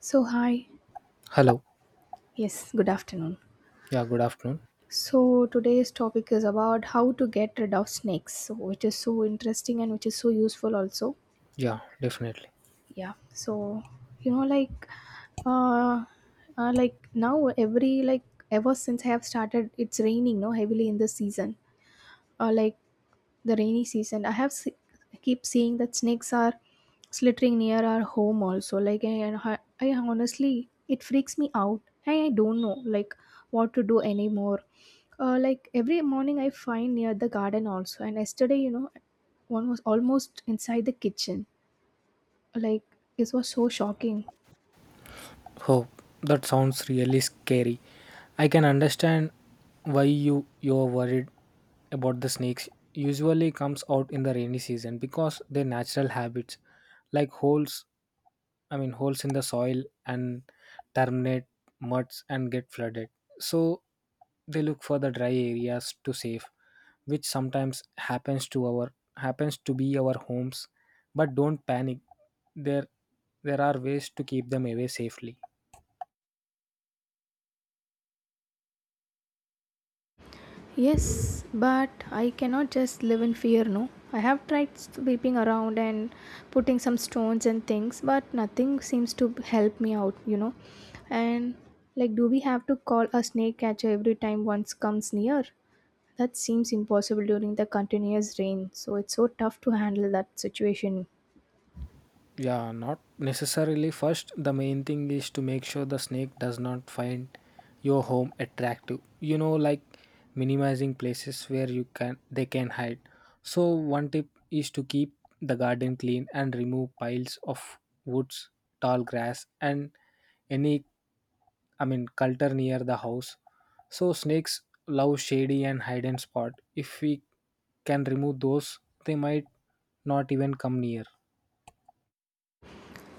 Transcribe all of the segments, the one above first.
So, hi. Hello. Yes, good afternoon. Yeah, good afternoon. So, today's topic is about how to get rid of snakes, so, which is so interesting and which is so useful also. Yeah, definitely. Yeah. So, you know, uh, like now every like Ever since I have started, it's raining, no, heavily in this season. Uh, like the rainy season I keep seeing that snakes are slithering near our home also, and I honestly, it freaks me out, and I don't know, like, what to do anymore. Like, every morning I find near the garden also, and yesterday, you know, one was almost inside the kitchen. Like, it was so shocking. Oh, that sounds really scary. I can understand why you're worried about the snakes. Usually comes out in the rainy season because their natural habits like holes I mean holes in the soil and terminate muds and get flooded. So they look for the dry areas to save, which sometimes happens to be our homes. But don't panic. There there are ways to keep them away safely. Yes, but I cannot just live in fear, no. I have tried sweeping around and putting some stones and things, but nothing seems to help me out, you know. And like, do we have to call a snake catcher every time once comes near? That seems impossible during the continuous rain, so it's so tough to handle that situation. Yeah, not necessarily. First, the main thing is to make sure the snake does not find your home attractive. You know, like minimizing places where you can they can hide. So one tip is to keep the garden clean and remove piles of woods, tall grass, and any I mean culture near the house. So snakes love shady and hidden spot. If we can remove those, they might not even come near.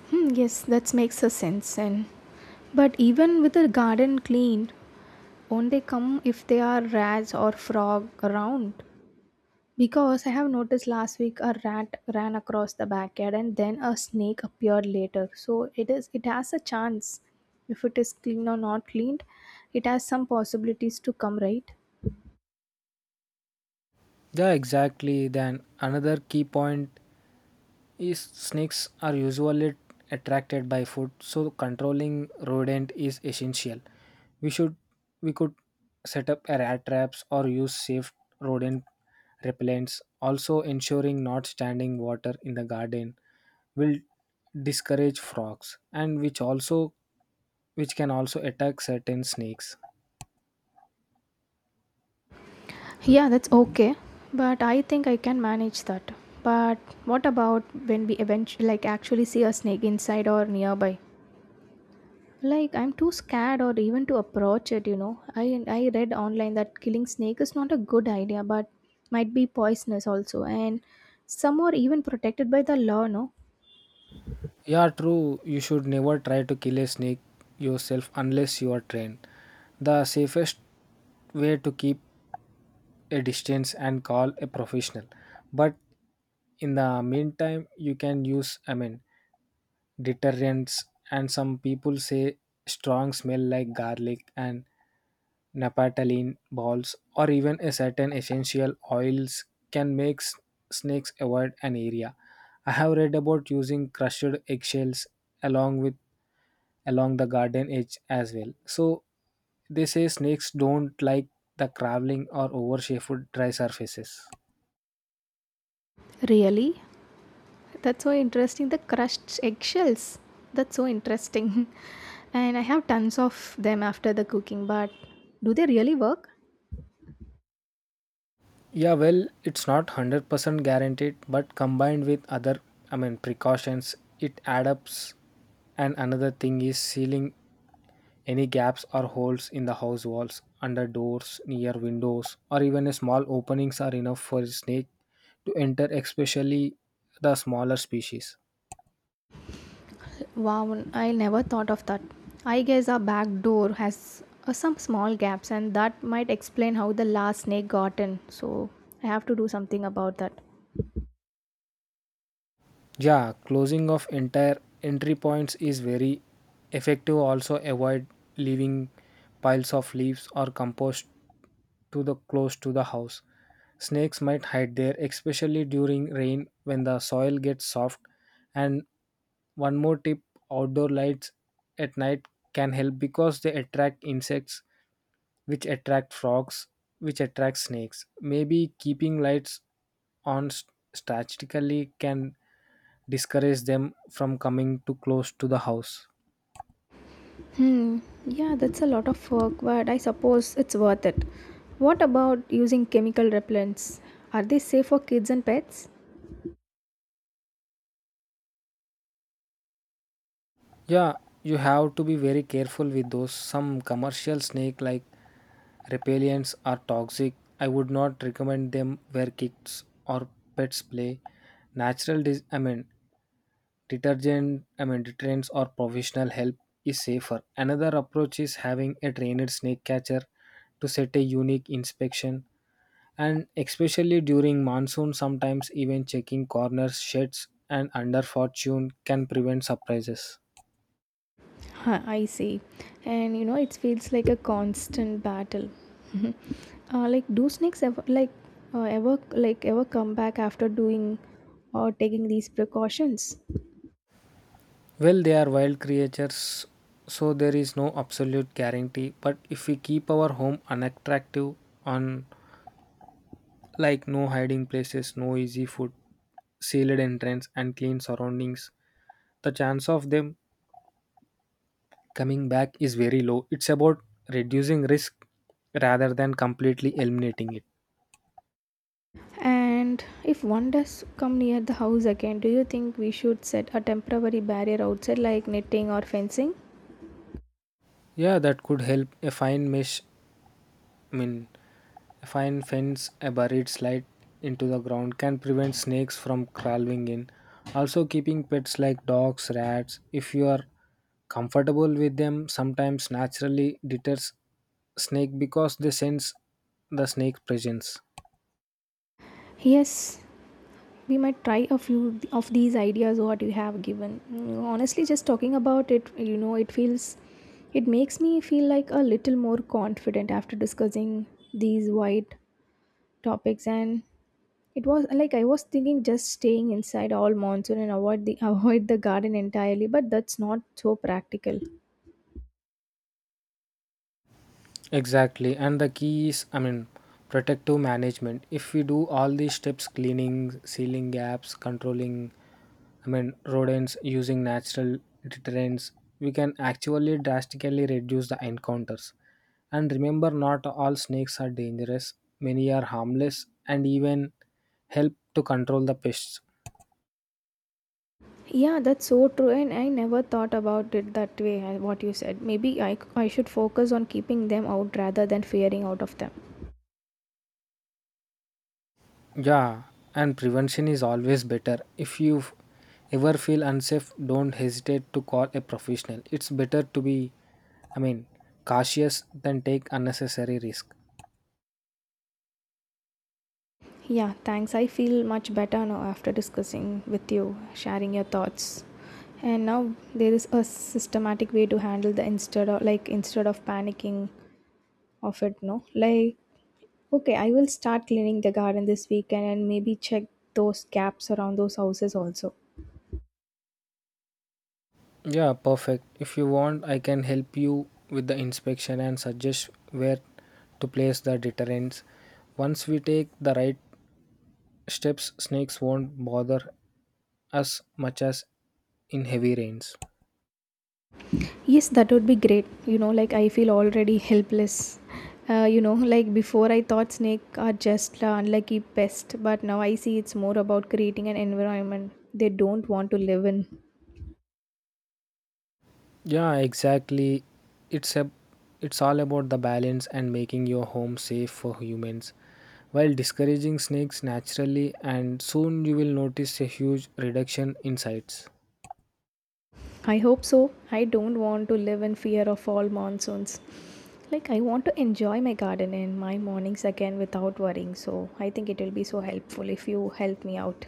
Hmm, yes, that makes a sense. And but even with the garden cleaned, won't they come if there are rats or frog around? Because I have noticed last week a rat ran across the backyard and then a snake appeared later. So it is it has a chance. If it is clean or not cleaned, it has some possibilities to come, right. Yeah, exactly. Then another key point is snakes are usually attracted by food, so controlling rodent is essential. We should we could set up a rat traps or use safe rodent repellents. Also ensuring not standing water in the garden will discourage frogs and which can also attack certain snakes. Yeah, that's okay. But I think I can manage that. But what about when we eventually, like, actually see a snake inside or nearby? Like, I'm too scared or even to approach it, you know. I read online that killing snake is not a good idea, but might be poisonous also, and some are even protected by the law, no? Yeah, true. You should never try to kill a snake yourself unless you are trained. The safest way to keep a distance and call a professional. But in the meantime, you can use deterrents, and some people say strong smell like garlic and napataline balls or even a certain essential oils can make snakes avoid an area. I have read about using crushed eggshells along with along the garden edge as well. So they say snakes don't like the crawling or overshadowed dry surfaces. Really? That's so interesting. The crushed eggshells. That's so interesting. And I have tons of them after the cooking, but do they really work? Yeah, well, it's not 100% guaranteed, but combined with other, precautions, it adds up. And another thing is sealing any gaps or holes in the house walls, under doors, near windows, or even a small openings are enough for a snake to enter, especially the smaller species. Wow, I never thought of that. I guess our back door has some small gaps, and that might explain how the last snake got in. So I have to do something about that. Yeah, closing of entire entry points is very effective. Also avoid leaving piles of leaves or compost to the close to the house. Snakes might hide there, especially during rain when the soil gets soft. And one more tip, outdoor lights at night can help because they attract insects, which attract frogs, which attract snakes. Maybe keeping lights on statistically can discourage them from coming too close to the house. Hmm, yeah, that's a lot of work, but I suppose it's worth it. What about using chemical repellents? Are they safe for kids and pets? Yeah, you have to be very careful with those. Some commercial snake like repellents are toxic. I would not recommend them where kids or pets play. Natural dis- I mean detergent I mean deterrents or professional help is safer. Another approach is having a trained snake catcher to set a unique inspection, and especially during monsoon sometimes even checking corners, sheds and under fortune can prevent surprises. Huh, I see. And you know, it feels like a constant battle. Like, do snakes ever like ever like ever come back after doing or taking these precautions? Well, they are wild creatures, so there is no absolute guarantee, but if we keep our home unattractive on like no hiding places, no easy food, sealed entrance and clean surroundings, the chance of them coming back is very low. It's about reducing risk rather than completely eliminating it. And if one does come near the house again, do you think we should set a temporary barrier outside, like netting or fencing? Yeah, that could help. A fine mesh, I mean, a fine fence, a buried slide into the ground can prevent snakes from crawling in. Also, keeping pets like dogs, rats, if you are comfortable with them, sometimes naturally deters snake because they sense the snake presence. Yes, we might try a few of these ideas what you have given. Honestly, just talking about it, you know, it feels, it makes me feel like a little more confident after discussing these wide topics. And it was like I was thinking just staying inside all monsoon and avoid the avoid the garden entirely, but that's not so practical. Exactly, and the key is, protective management. If we do all these steps cleaning, sealing gaps, controlling, rodents, using natural deterrents, we can actually drastically reduce the encounters. And remember, not all snakes are dangerous, many are harmless and even help to control the pests. Yeah, that's so true, and I never thought about it that way. I- what you said, maybe I should focus on keeping them out rather than fearing out of them. Yeah, and prevention is always better. If you ever feel unsafe, don't hesitate to call a professional. It's better to be, I mean, cautious than take unnecessary risk. Yeah, thanks. I feel much better now after discussing with you, sharing your thoughts. And now there is a systematic way to handle the instead of like instead of panicking of it, no? Like, okay, I will start cleaning the garden this weekend and maybe check those gaps around those houses also. Yeah, perfect. If you want, I can help you with the inspection and suggest where to place the deterrents. Once we take the right steps, snakes won't bother us much as in heavy rains. Yes, that would be great. You know, like, I feel already helpless. You know, like, before I thought snake are just unlucky pest, but now I see it's more about creating an environment they don't want to live in. Yeah, exactly. It's a it's all about the balance and making your home safe for humans while discouraging snakes naturally, and soon you will notice a huge reduction in sites. I hope so. I don't want to live in fear of all monsoons. Like, I want to enjoy my garden and my mornings again without worrying. So I think it will be so helpful if you help me out.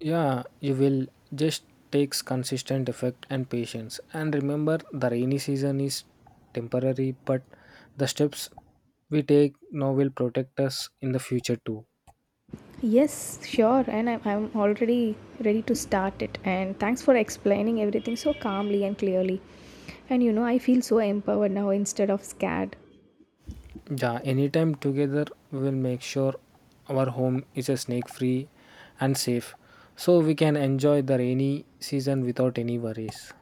Yeah, you will just takes consistent effect and patience. And remember the rainy season is temporary, but the steps we take now will protect us in the future too. Yes, sure. And I'm already ready to start it. And thanks for explaining everything so calmly and clearly. And you know, I feel so empowered now instead of scared. Yeah, anytime. Together we will make sure our home is a snake free and safe, so we can enjoy the rainy season without any worries.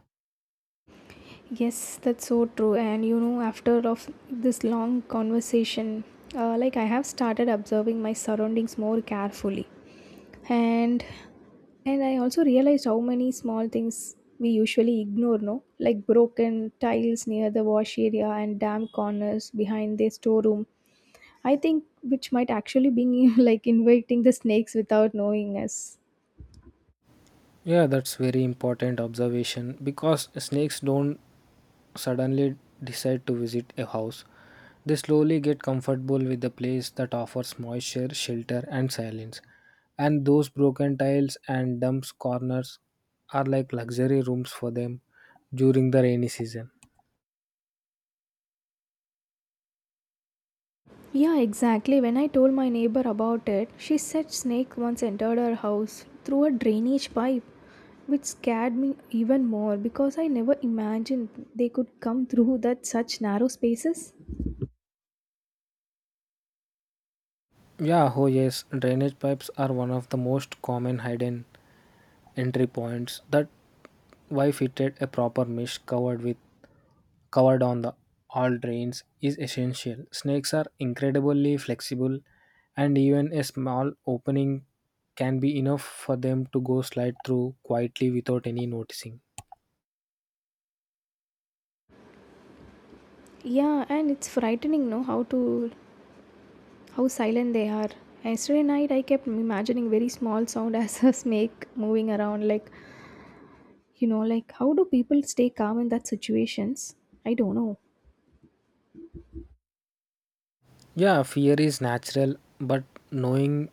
Yes, that's so true. And you know, after of this long conversation, like, I have started observing my surroundings more carefully. And and I also realized how many small things we usually ignore, no? Like broken tiles near the wash area and damp corners behind the storeroom, I think, which might actually be like inviting the snakes without knowing us. Yeah, that's very important observation because snakes don't suddenly decide to visit a house. They slowly get comfortable with the place that offers moisture, shelter and silence. And those broken tiles and dumps corners are like luxury rooms for them during the rainy season. Yeah, exactly. When I told my neighbor about it, she said snake once entered her house through a drainage pipe, which scared me even more because I never imagined they could come through that such narrow spaces. Yeah, oh yes, drainage pipes are one of the most common hidden entry points. That why fitted a proper mesh covered on the all drains is essential. Snakes are incredibly flexible, and even a small opening can be enough for them to go slide through quietly without any noticing. Yeah, and it's frightening, no, how to how silent they are. Yesterday night I kept imagining very small sound as a snake moving around, like, you know, like, how do people stay calm in that situations? I don't know. Yeah, fear is natural, but knowing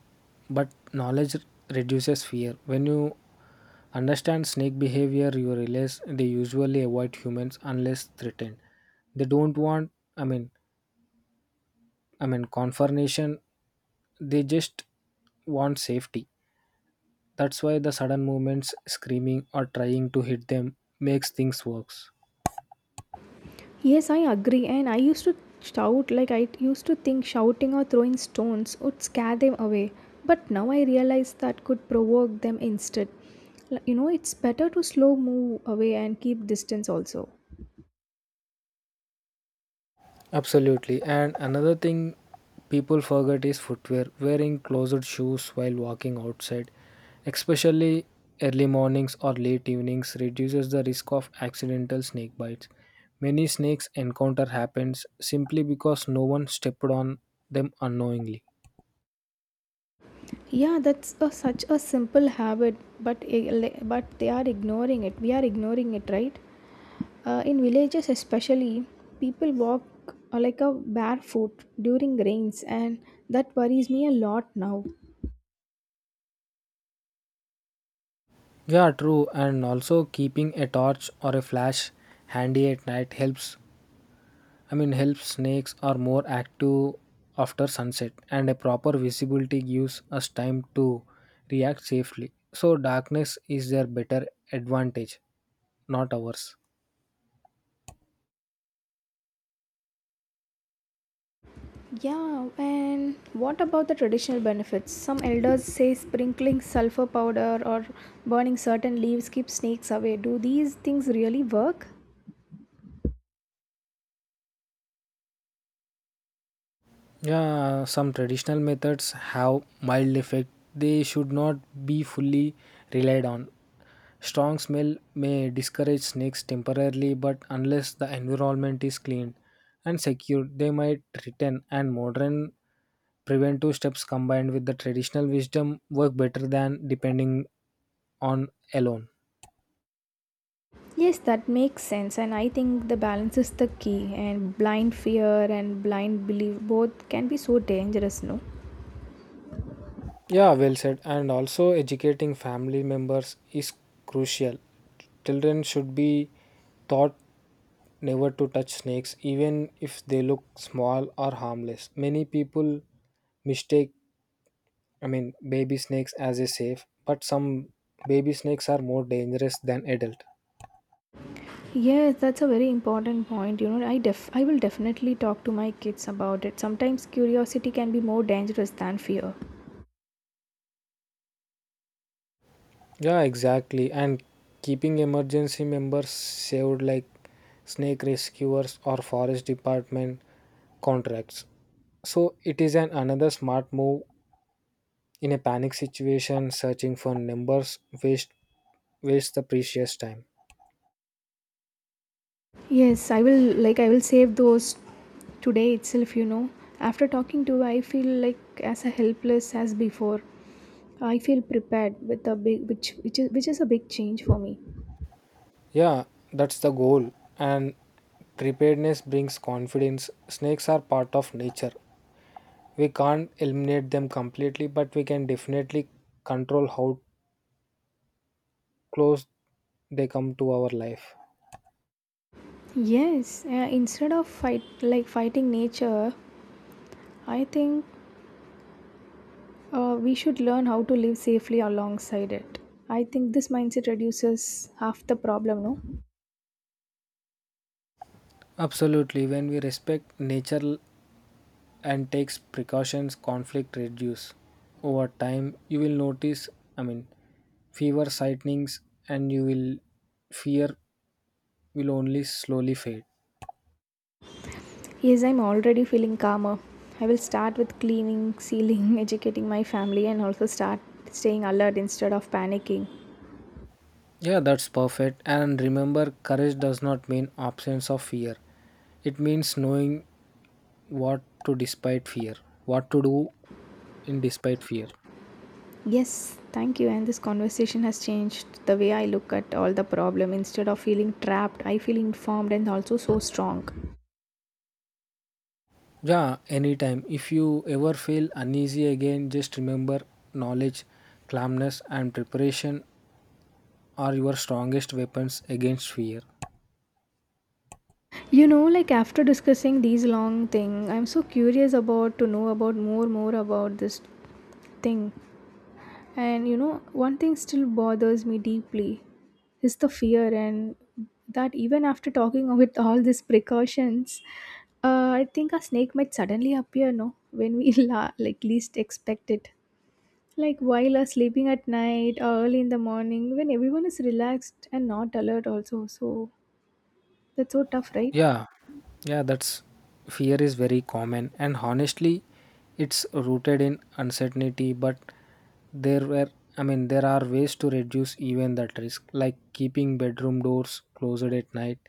but knowledge reduces fear. When you understand snake behavior, you realize they usually avoid humans unless threatened. They don't want I mean confrontation, they just want safety. That's why the sudden movements, screaming or trying to hit them makes things worse. Yes, I agree. And I used to shout, like, I used to think shouting or throwing stones would scare them away. But now I realize that could provoke them instead. L- You know, it's better to slow move away and keep distance also. Absolutely. And another thing people forget is footwear. Wearing closed shoes while walking outside, especially early mornings or late evenings, reduces the risk of accidental snake bites. Many snakes encounter happens simply because no one stepped on them unknowingly. Yeah, that's a, such a simple habit, but, I- le- but they are ignoring it. We are ignoring it, right? In villages, especially, people walk like a barefoot during rains, and that worries me a lot now. Yeah, true. And also keeping a torch or a flash handy at night helps. Help snakes are more active after sunset, and a proper visibility gives us time to react safely. So, darkness is their better advantage, not ours. Yeah, and what about the traditional benefits? Some elders say sprinkling sulfur powder or burning certain leaves keep snakes away. Do these things really work? Yeah, some traditional methods have mild effect. They should not be fully relied on. Strong smell may discourage snakes temporarily, but unless the environment is cleaned and secured, they might return. And modern preventive steps combined with the traditional wisdom work better than depending on alone. Yes, that makes sense, and I think the balance is the key. And blind fear and blind belief both can be so dangerous, no? Yeah, well said. And also, educating family members is crucial. Children should be taught never to touch snakes, even if they look small or harmless. Many people mistake, baby snakes as a safe, but some baby snakes are more dangerous than adult. Yes, that's a very important point. You know, I def I will definitely talk to my kids about it. Sometimes curiosity can be more dangerous than fear. Yeah, exactly. And keeping emergency members saved like snake rescuers or forest department contracts. So it is an another smart move. In a panic situation searching for numbers waste waste the precious time. Yes, I will, like, I will save those today itself, you know. After talking to you, I feel like as helpless as before. I feel prepared with a big, which is a big change for me. Yeah, that's the goal. And preparedness brings confidence. Snakes are part of nature. We can't eliminate them completely, but we can definitely control how close they come to our life. Yes, instead of fight like fighting nature, I think we should learn how to live safely alongside it. I think this mindset reduces half the problem, no? Absolutely, when we respect nature and takes precautions, conflict reduce. Over time, you will notice, I mean, fewer sightings, and you will fear will only slowly fade. Yes, I'm already feeling calmer. I will start with cleaning, sealing, educating my family, and also start staying alert instead of panicking. Yeah, that's perfect. And remember, courage does not mean absence of fear. It means knowing what to despite fear, what to do in despite fear. Yes, thank you. And this conversation has changed the way I look at all the problem. Instead of feeling trapped, I feel informed and also so strong. Yeah, anytime. If you ever feel uneasy again, just remember knowledge, calmness, and preparation are your strongest weapons against fear. You know, like, after discussing these long thing, I'm so curious about to know about more about this thing. And you know, one thing still bothers me deeply is the fear and that even after talking with all these precautions, I think a snake might suddenly appear, no, when we la- like least expect it. Like, while are sleeping at night or early in the morning when everyone is relaxed and not alert also. So that's so tough, right? Yeah, yeah, that's fear is very common, and honestly, it's rooted in uncertainty. But there were, I mean, there are ways to reduce even that risk, like keeping bedroom doors closed at night,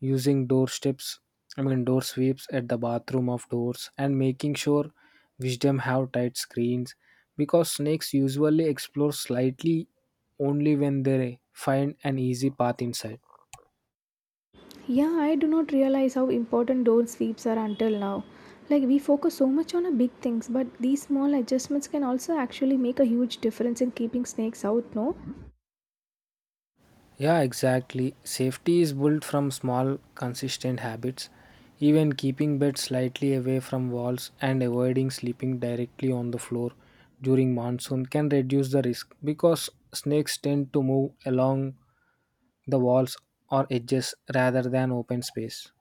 using door strips, door sweeps at the bathroom of doors, and making sure wisdom have tight screens because snakes usually explore slightly only when they find an easy path inside. Yeah, I do not realize how important door sweeps are until now. Like, we focus so much on the big things, but these small adjustments can also actually make a huge difference in keeping snakes out, no? Yeah, exactly. Safety is built from small, consistent habits. Even keeping bed slightly away from walls and avoiding sleeping directly on the floor during monsoon can reduce the risk because snakes tend to move along the walls or edges rather than open space.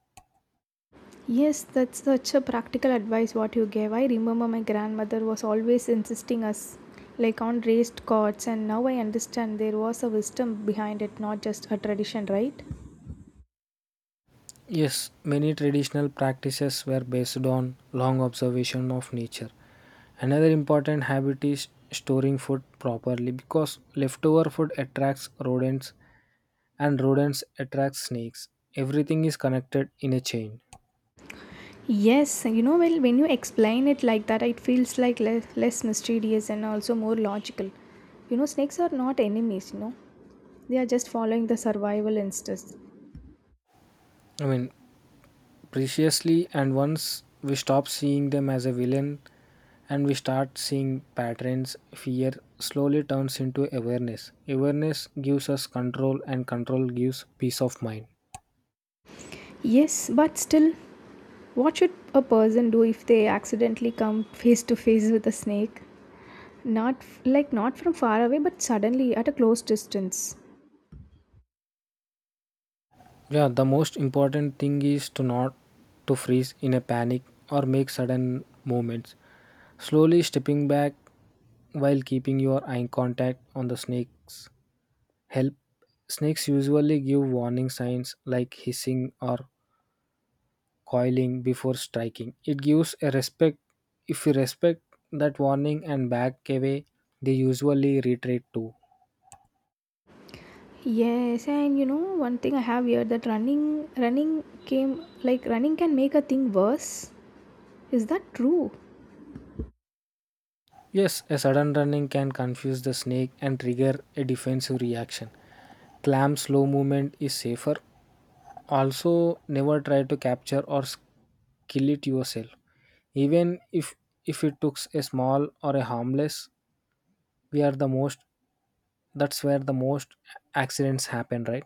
Yes, that's such a practical advice what you gave. I remember my grandmother was always insisting us, like, on raised cots, and now I understand there was a wisdom behind it, not just a tradition, right? Yes, many traditional practices were based on long observation of nature. Another important habit is storing food properly because leftover food attracts rodents, and rodents attract snakes. Everything is connected in a chain. Yes, you know, well, when you explain it like that, it feels like le- less mysterious and also more logical. You know, snakes are not enemies, you know, they are just following the survival instincts. I mean, Preciously, and once we stop seeing them as a villain and we start seeing patterns, fear slowly turns into awareness. Awareness gives us control, and control gives peace of mind. Yes, but still, what should a person do if they accidentally come face to face with a snake? Not f- like not from far away, but suddenly at a close distance. Yeah, the most important thing is to not to freeze in a panic or make sudden movements. Slowly stepping back while keeping your eye contact on the snakes help. Snakes usually give warning signs like hissing or coiling before striking. It gives a respect If you respect that warning and back away, they usually retreat too. Yes, and you know one thing I have here that running came like running can make a thing worse. Is that true? Yes, a sudden running can confuse the snake and trigger a defensive reaction. Clam slow movement is safer. Also, never try to capture or kill it yourself. Even if it took a small or a harmless, we are the most that's where the most accidents happen, right?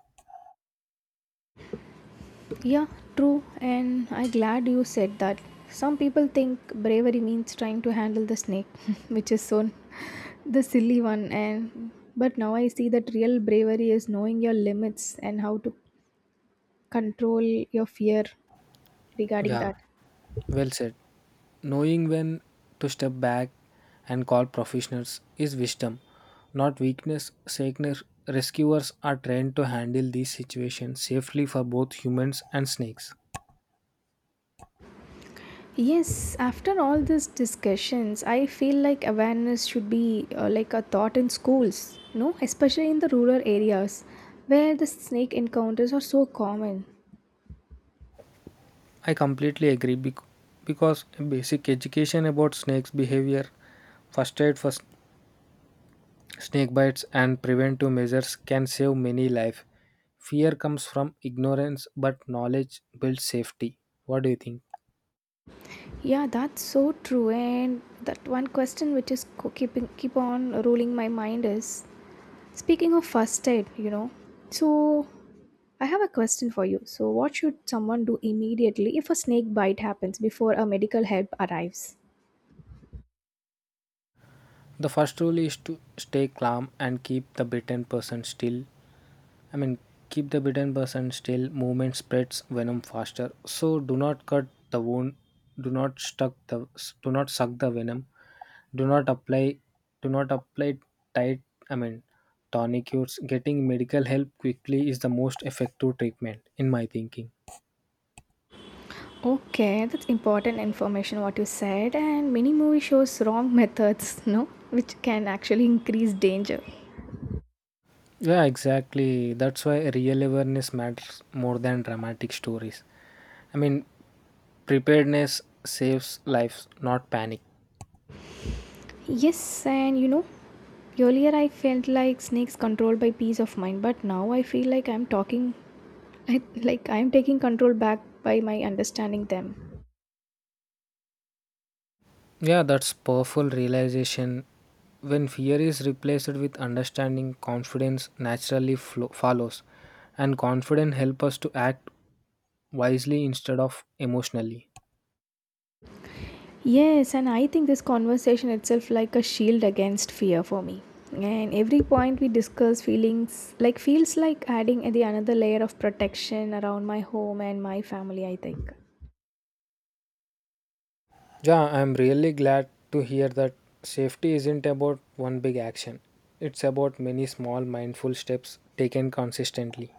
Yeah, true, and I'm glad you said that. Some people think bravery means trying to handle the snake, which is so the silly one. And but now I see that real bravery is knowing your limits and how to control your fear regarding Yeah, that. well said. Knowing when to step back and call professionals is wisdom, not weakness sickness. Rescuers are trained to handle these situations safely for both humans and snakes. Yes, after all these discussions, I feel like awareness should be like a thought in schools, no, especially in the rural areas where the snake encounters are so common. I completely agree, because basic education about snakes behavior, first aid for snake bites and preventive measures can save many lives. Fear comes from ignorance, but knowledge builds safety. What do you think? Yeah, that's so true. And that one question which is keep on ruling my mind is speaking of first aid, you know. So I have a question for you. So what should someone do immediately if a snake bite happens before a medical help arrives? The first rule is to stay calm and keep the bitten person still. I mean, keep the bitten person still. Movement spreads venom faster. So do not cut the wound. Do not stuck the. Do not suck the venom. Do not apply. Do not apply tight. I mean, tourniquets. Getting medical help quickly is the most effective treatment, in my thinking. Okay, that's important information what you said, and many movie shows wrong methods, no, which can actually increase danger. Yeah, exactly. That's why real awareness matters more than dramatic stories. I mean, preparedness saves lives, not panic. Yes, and you know, earlier I felt like snakes controlled by peace of mind, but now I feel like I'm talking, like I'm taking control back by my understanding them. Yeah, that's powerful realization. When fear is replaced with understanding, confidence naturally follows, and confidence helps us to act wisely instead of emotionally. Yes, and I think this conversation itself like a shield against fear for me. And every point we discuss feelings like feels like adding the another layer of protection around my home and my family, I think. Yeah, I'm really glad to hear that safety isn't about one big action. It's about many small mindful steps taken consistently.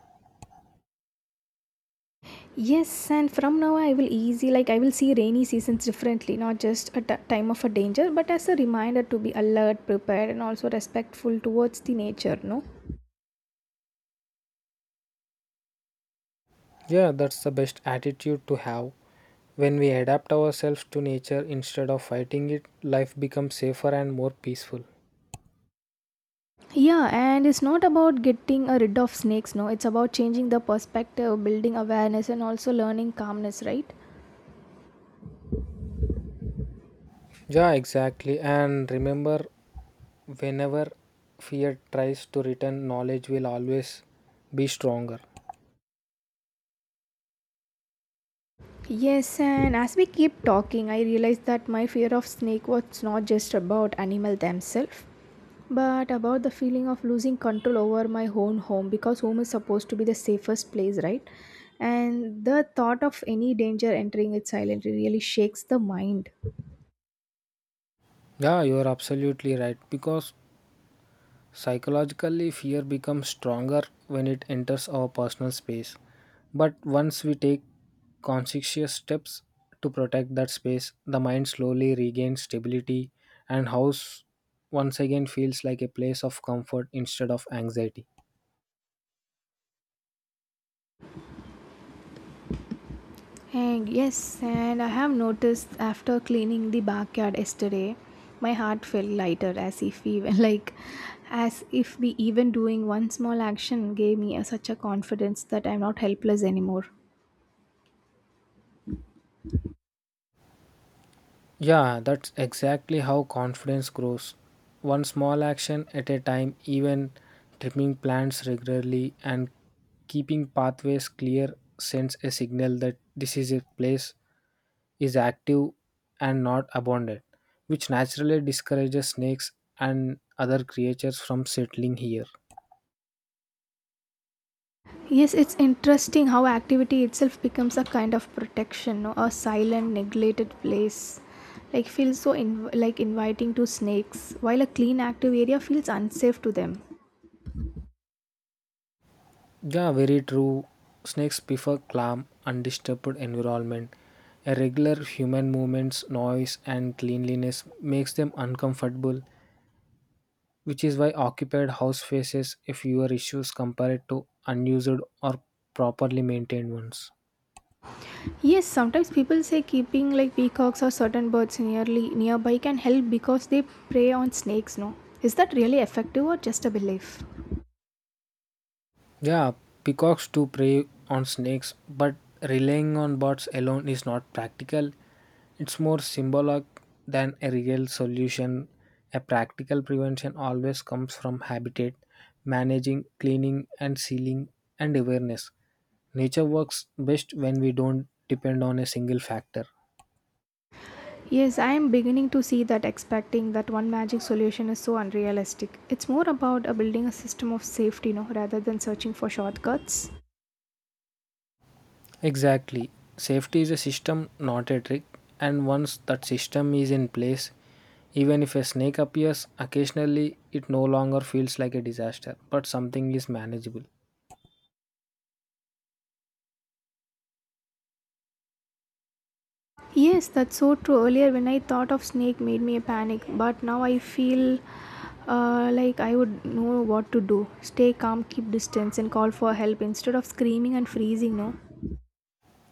Yes, and from now I will easy like I will see rainy seasons differently, not just at a time of a danger, but as a reminder to be alert, prepared, and also respectful towards the nature. No, Yeah, that's the best attitude to have. When we adapt ourselves to nature instead of fighting it, life becomes safer and more peaceful. yeah, and it's not about getting a rid of snakes. No, it's about changing the perspective, building awareness, and also learning calmness. Right. Yeah, exactly. And remember, whenever fear tries to return, knowledge will always be stronger. Yes, and as we keep talking, I realized that my fear of snake was not just about animal themselves, but about the feeling of losing control over my own home because home is supposed to be the safest place, right? And the thought of any danger entering it silently really shakes the mind. Yeah, you are absolutely right. Because psychologically, fear becomes stronger when it enters our personal space. But once we take conscientious steps to protect that space, the mind slowly regains stability and house once again feels like a place of comfort instead of anxiety. And yes, and I have noticed after cleaning the backyard yesterday, my heart felt lighter as if even like as if we even doing one small action gave me a, such a confidence that I'm not helpless anymore. Yeah, that's exactly how confidence grows. One small action at a time, even trimming plants regularly and keeping pathways clear sends a signal that this is a place is active and not abundant, which naturally discourages snakes and other creatures from settling here. Yes, it's interesting how activity itself becomes a kind of protection, no? A silent, neglected place. Like feels so like inviting to snakes, while a clean, active area feels unsafe to them. Yeah, very true. Snakes prefer calm, undisturbed environment. Irregular human movements, noise, and cleanliness makes them uncomfortable, which is why occupied house faces a fewer issues compared to unused or properly maintained ones. Yes, sometimes people say keeping like peacocks or certain birds nearly nearby can help because they prey on snakes, no? Is that really effective or just a belief? Yeah, peacocks do prey on snakes, but relying on birds alone is not practical. It's more symbolic than a real solution. A practical prevention always comes from habitat, managing, cleaning, and sealing, and awareness. Nature works best when we don't depend on a single factor. Yes, I am beginning to see that expecting that one magic solution is so unrealistic. It's more about building a system of safety, no, rather than searching for shortcuts. Exactly. Safety is a system, not a trick. And once that system is in place, even if a snake appears occasionally, it no longer feels like a disaster, but something is manageable. Yes, that's so true. Earlier, when I thought of snake, made me a panic. But now I feel like I would know what to do. Stay calm, keep distance, and call for help instead of screaming and freezing. No.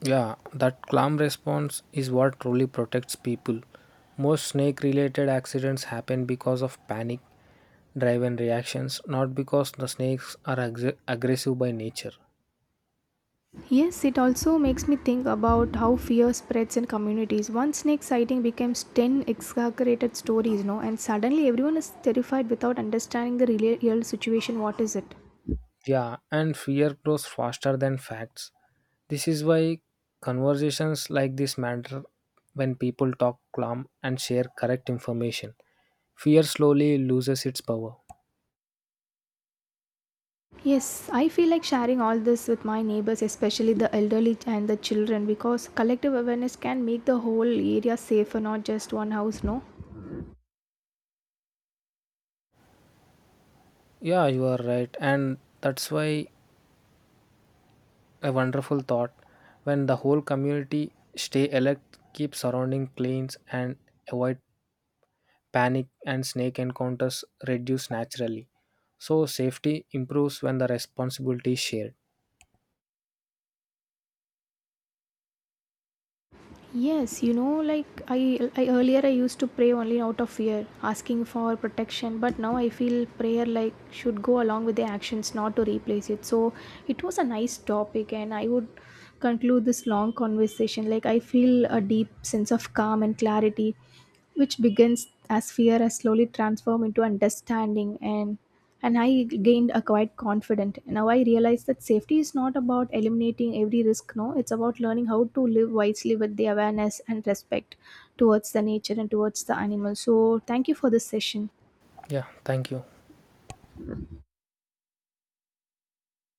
Yeah, that calm response is what truly protects people. Most snake related accidents happen because of panic driven reactions, not because the snakes are aggressive by nature. Yes, it also makes me think about how fear spreads in communities. One snake sighting becomes 10 exaggerated stories. No, and suddenly everyone is terrified without understanding the real situation. What is it? Yeah, and fear grows faster than facts. This is why conversations like this matter when people talk calm and share correct information. Fear slowly loses its power. Yes, I feel like sharing all this with my neighbors, especially the elderly and the children, because collective awareness can make the whole area safer, not just one house, no? Yeah, you are right. And that's why a wonderful thought when the whole community stay alert, keep surrounding cleans, and avoid panic and snake encounters reduce naturally. So, safety improves when the responsibility is shared. Yes, you know, like I earlier I used to pray only out of fear, asking for protection, but now I feel prayer like should go along with the actions, not to replace it. So it was a nice topic, and I would conclude this long conversation. Like I feel a deep sense of calm and clarity, which begins as fear has slowly transformed into understanding and I gained a quite confident. Now I realize that safety is not about eliminating every risk, no, it's about learning how to live wisely with the awareness and respect towards the nature and towards the animals. So thank you for this session. Yeah, thank you.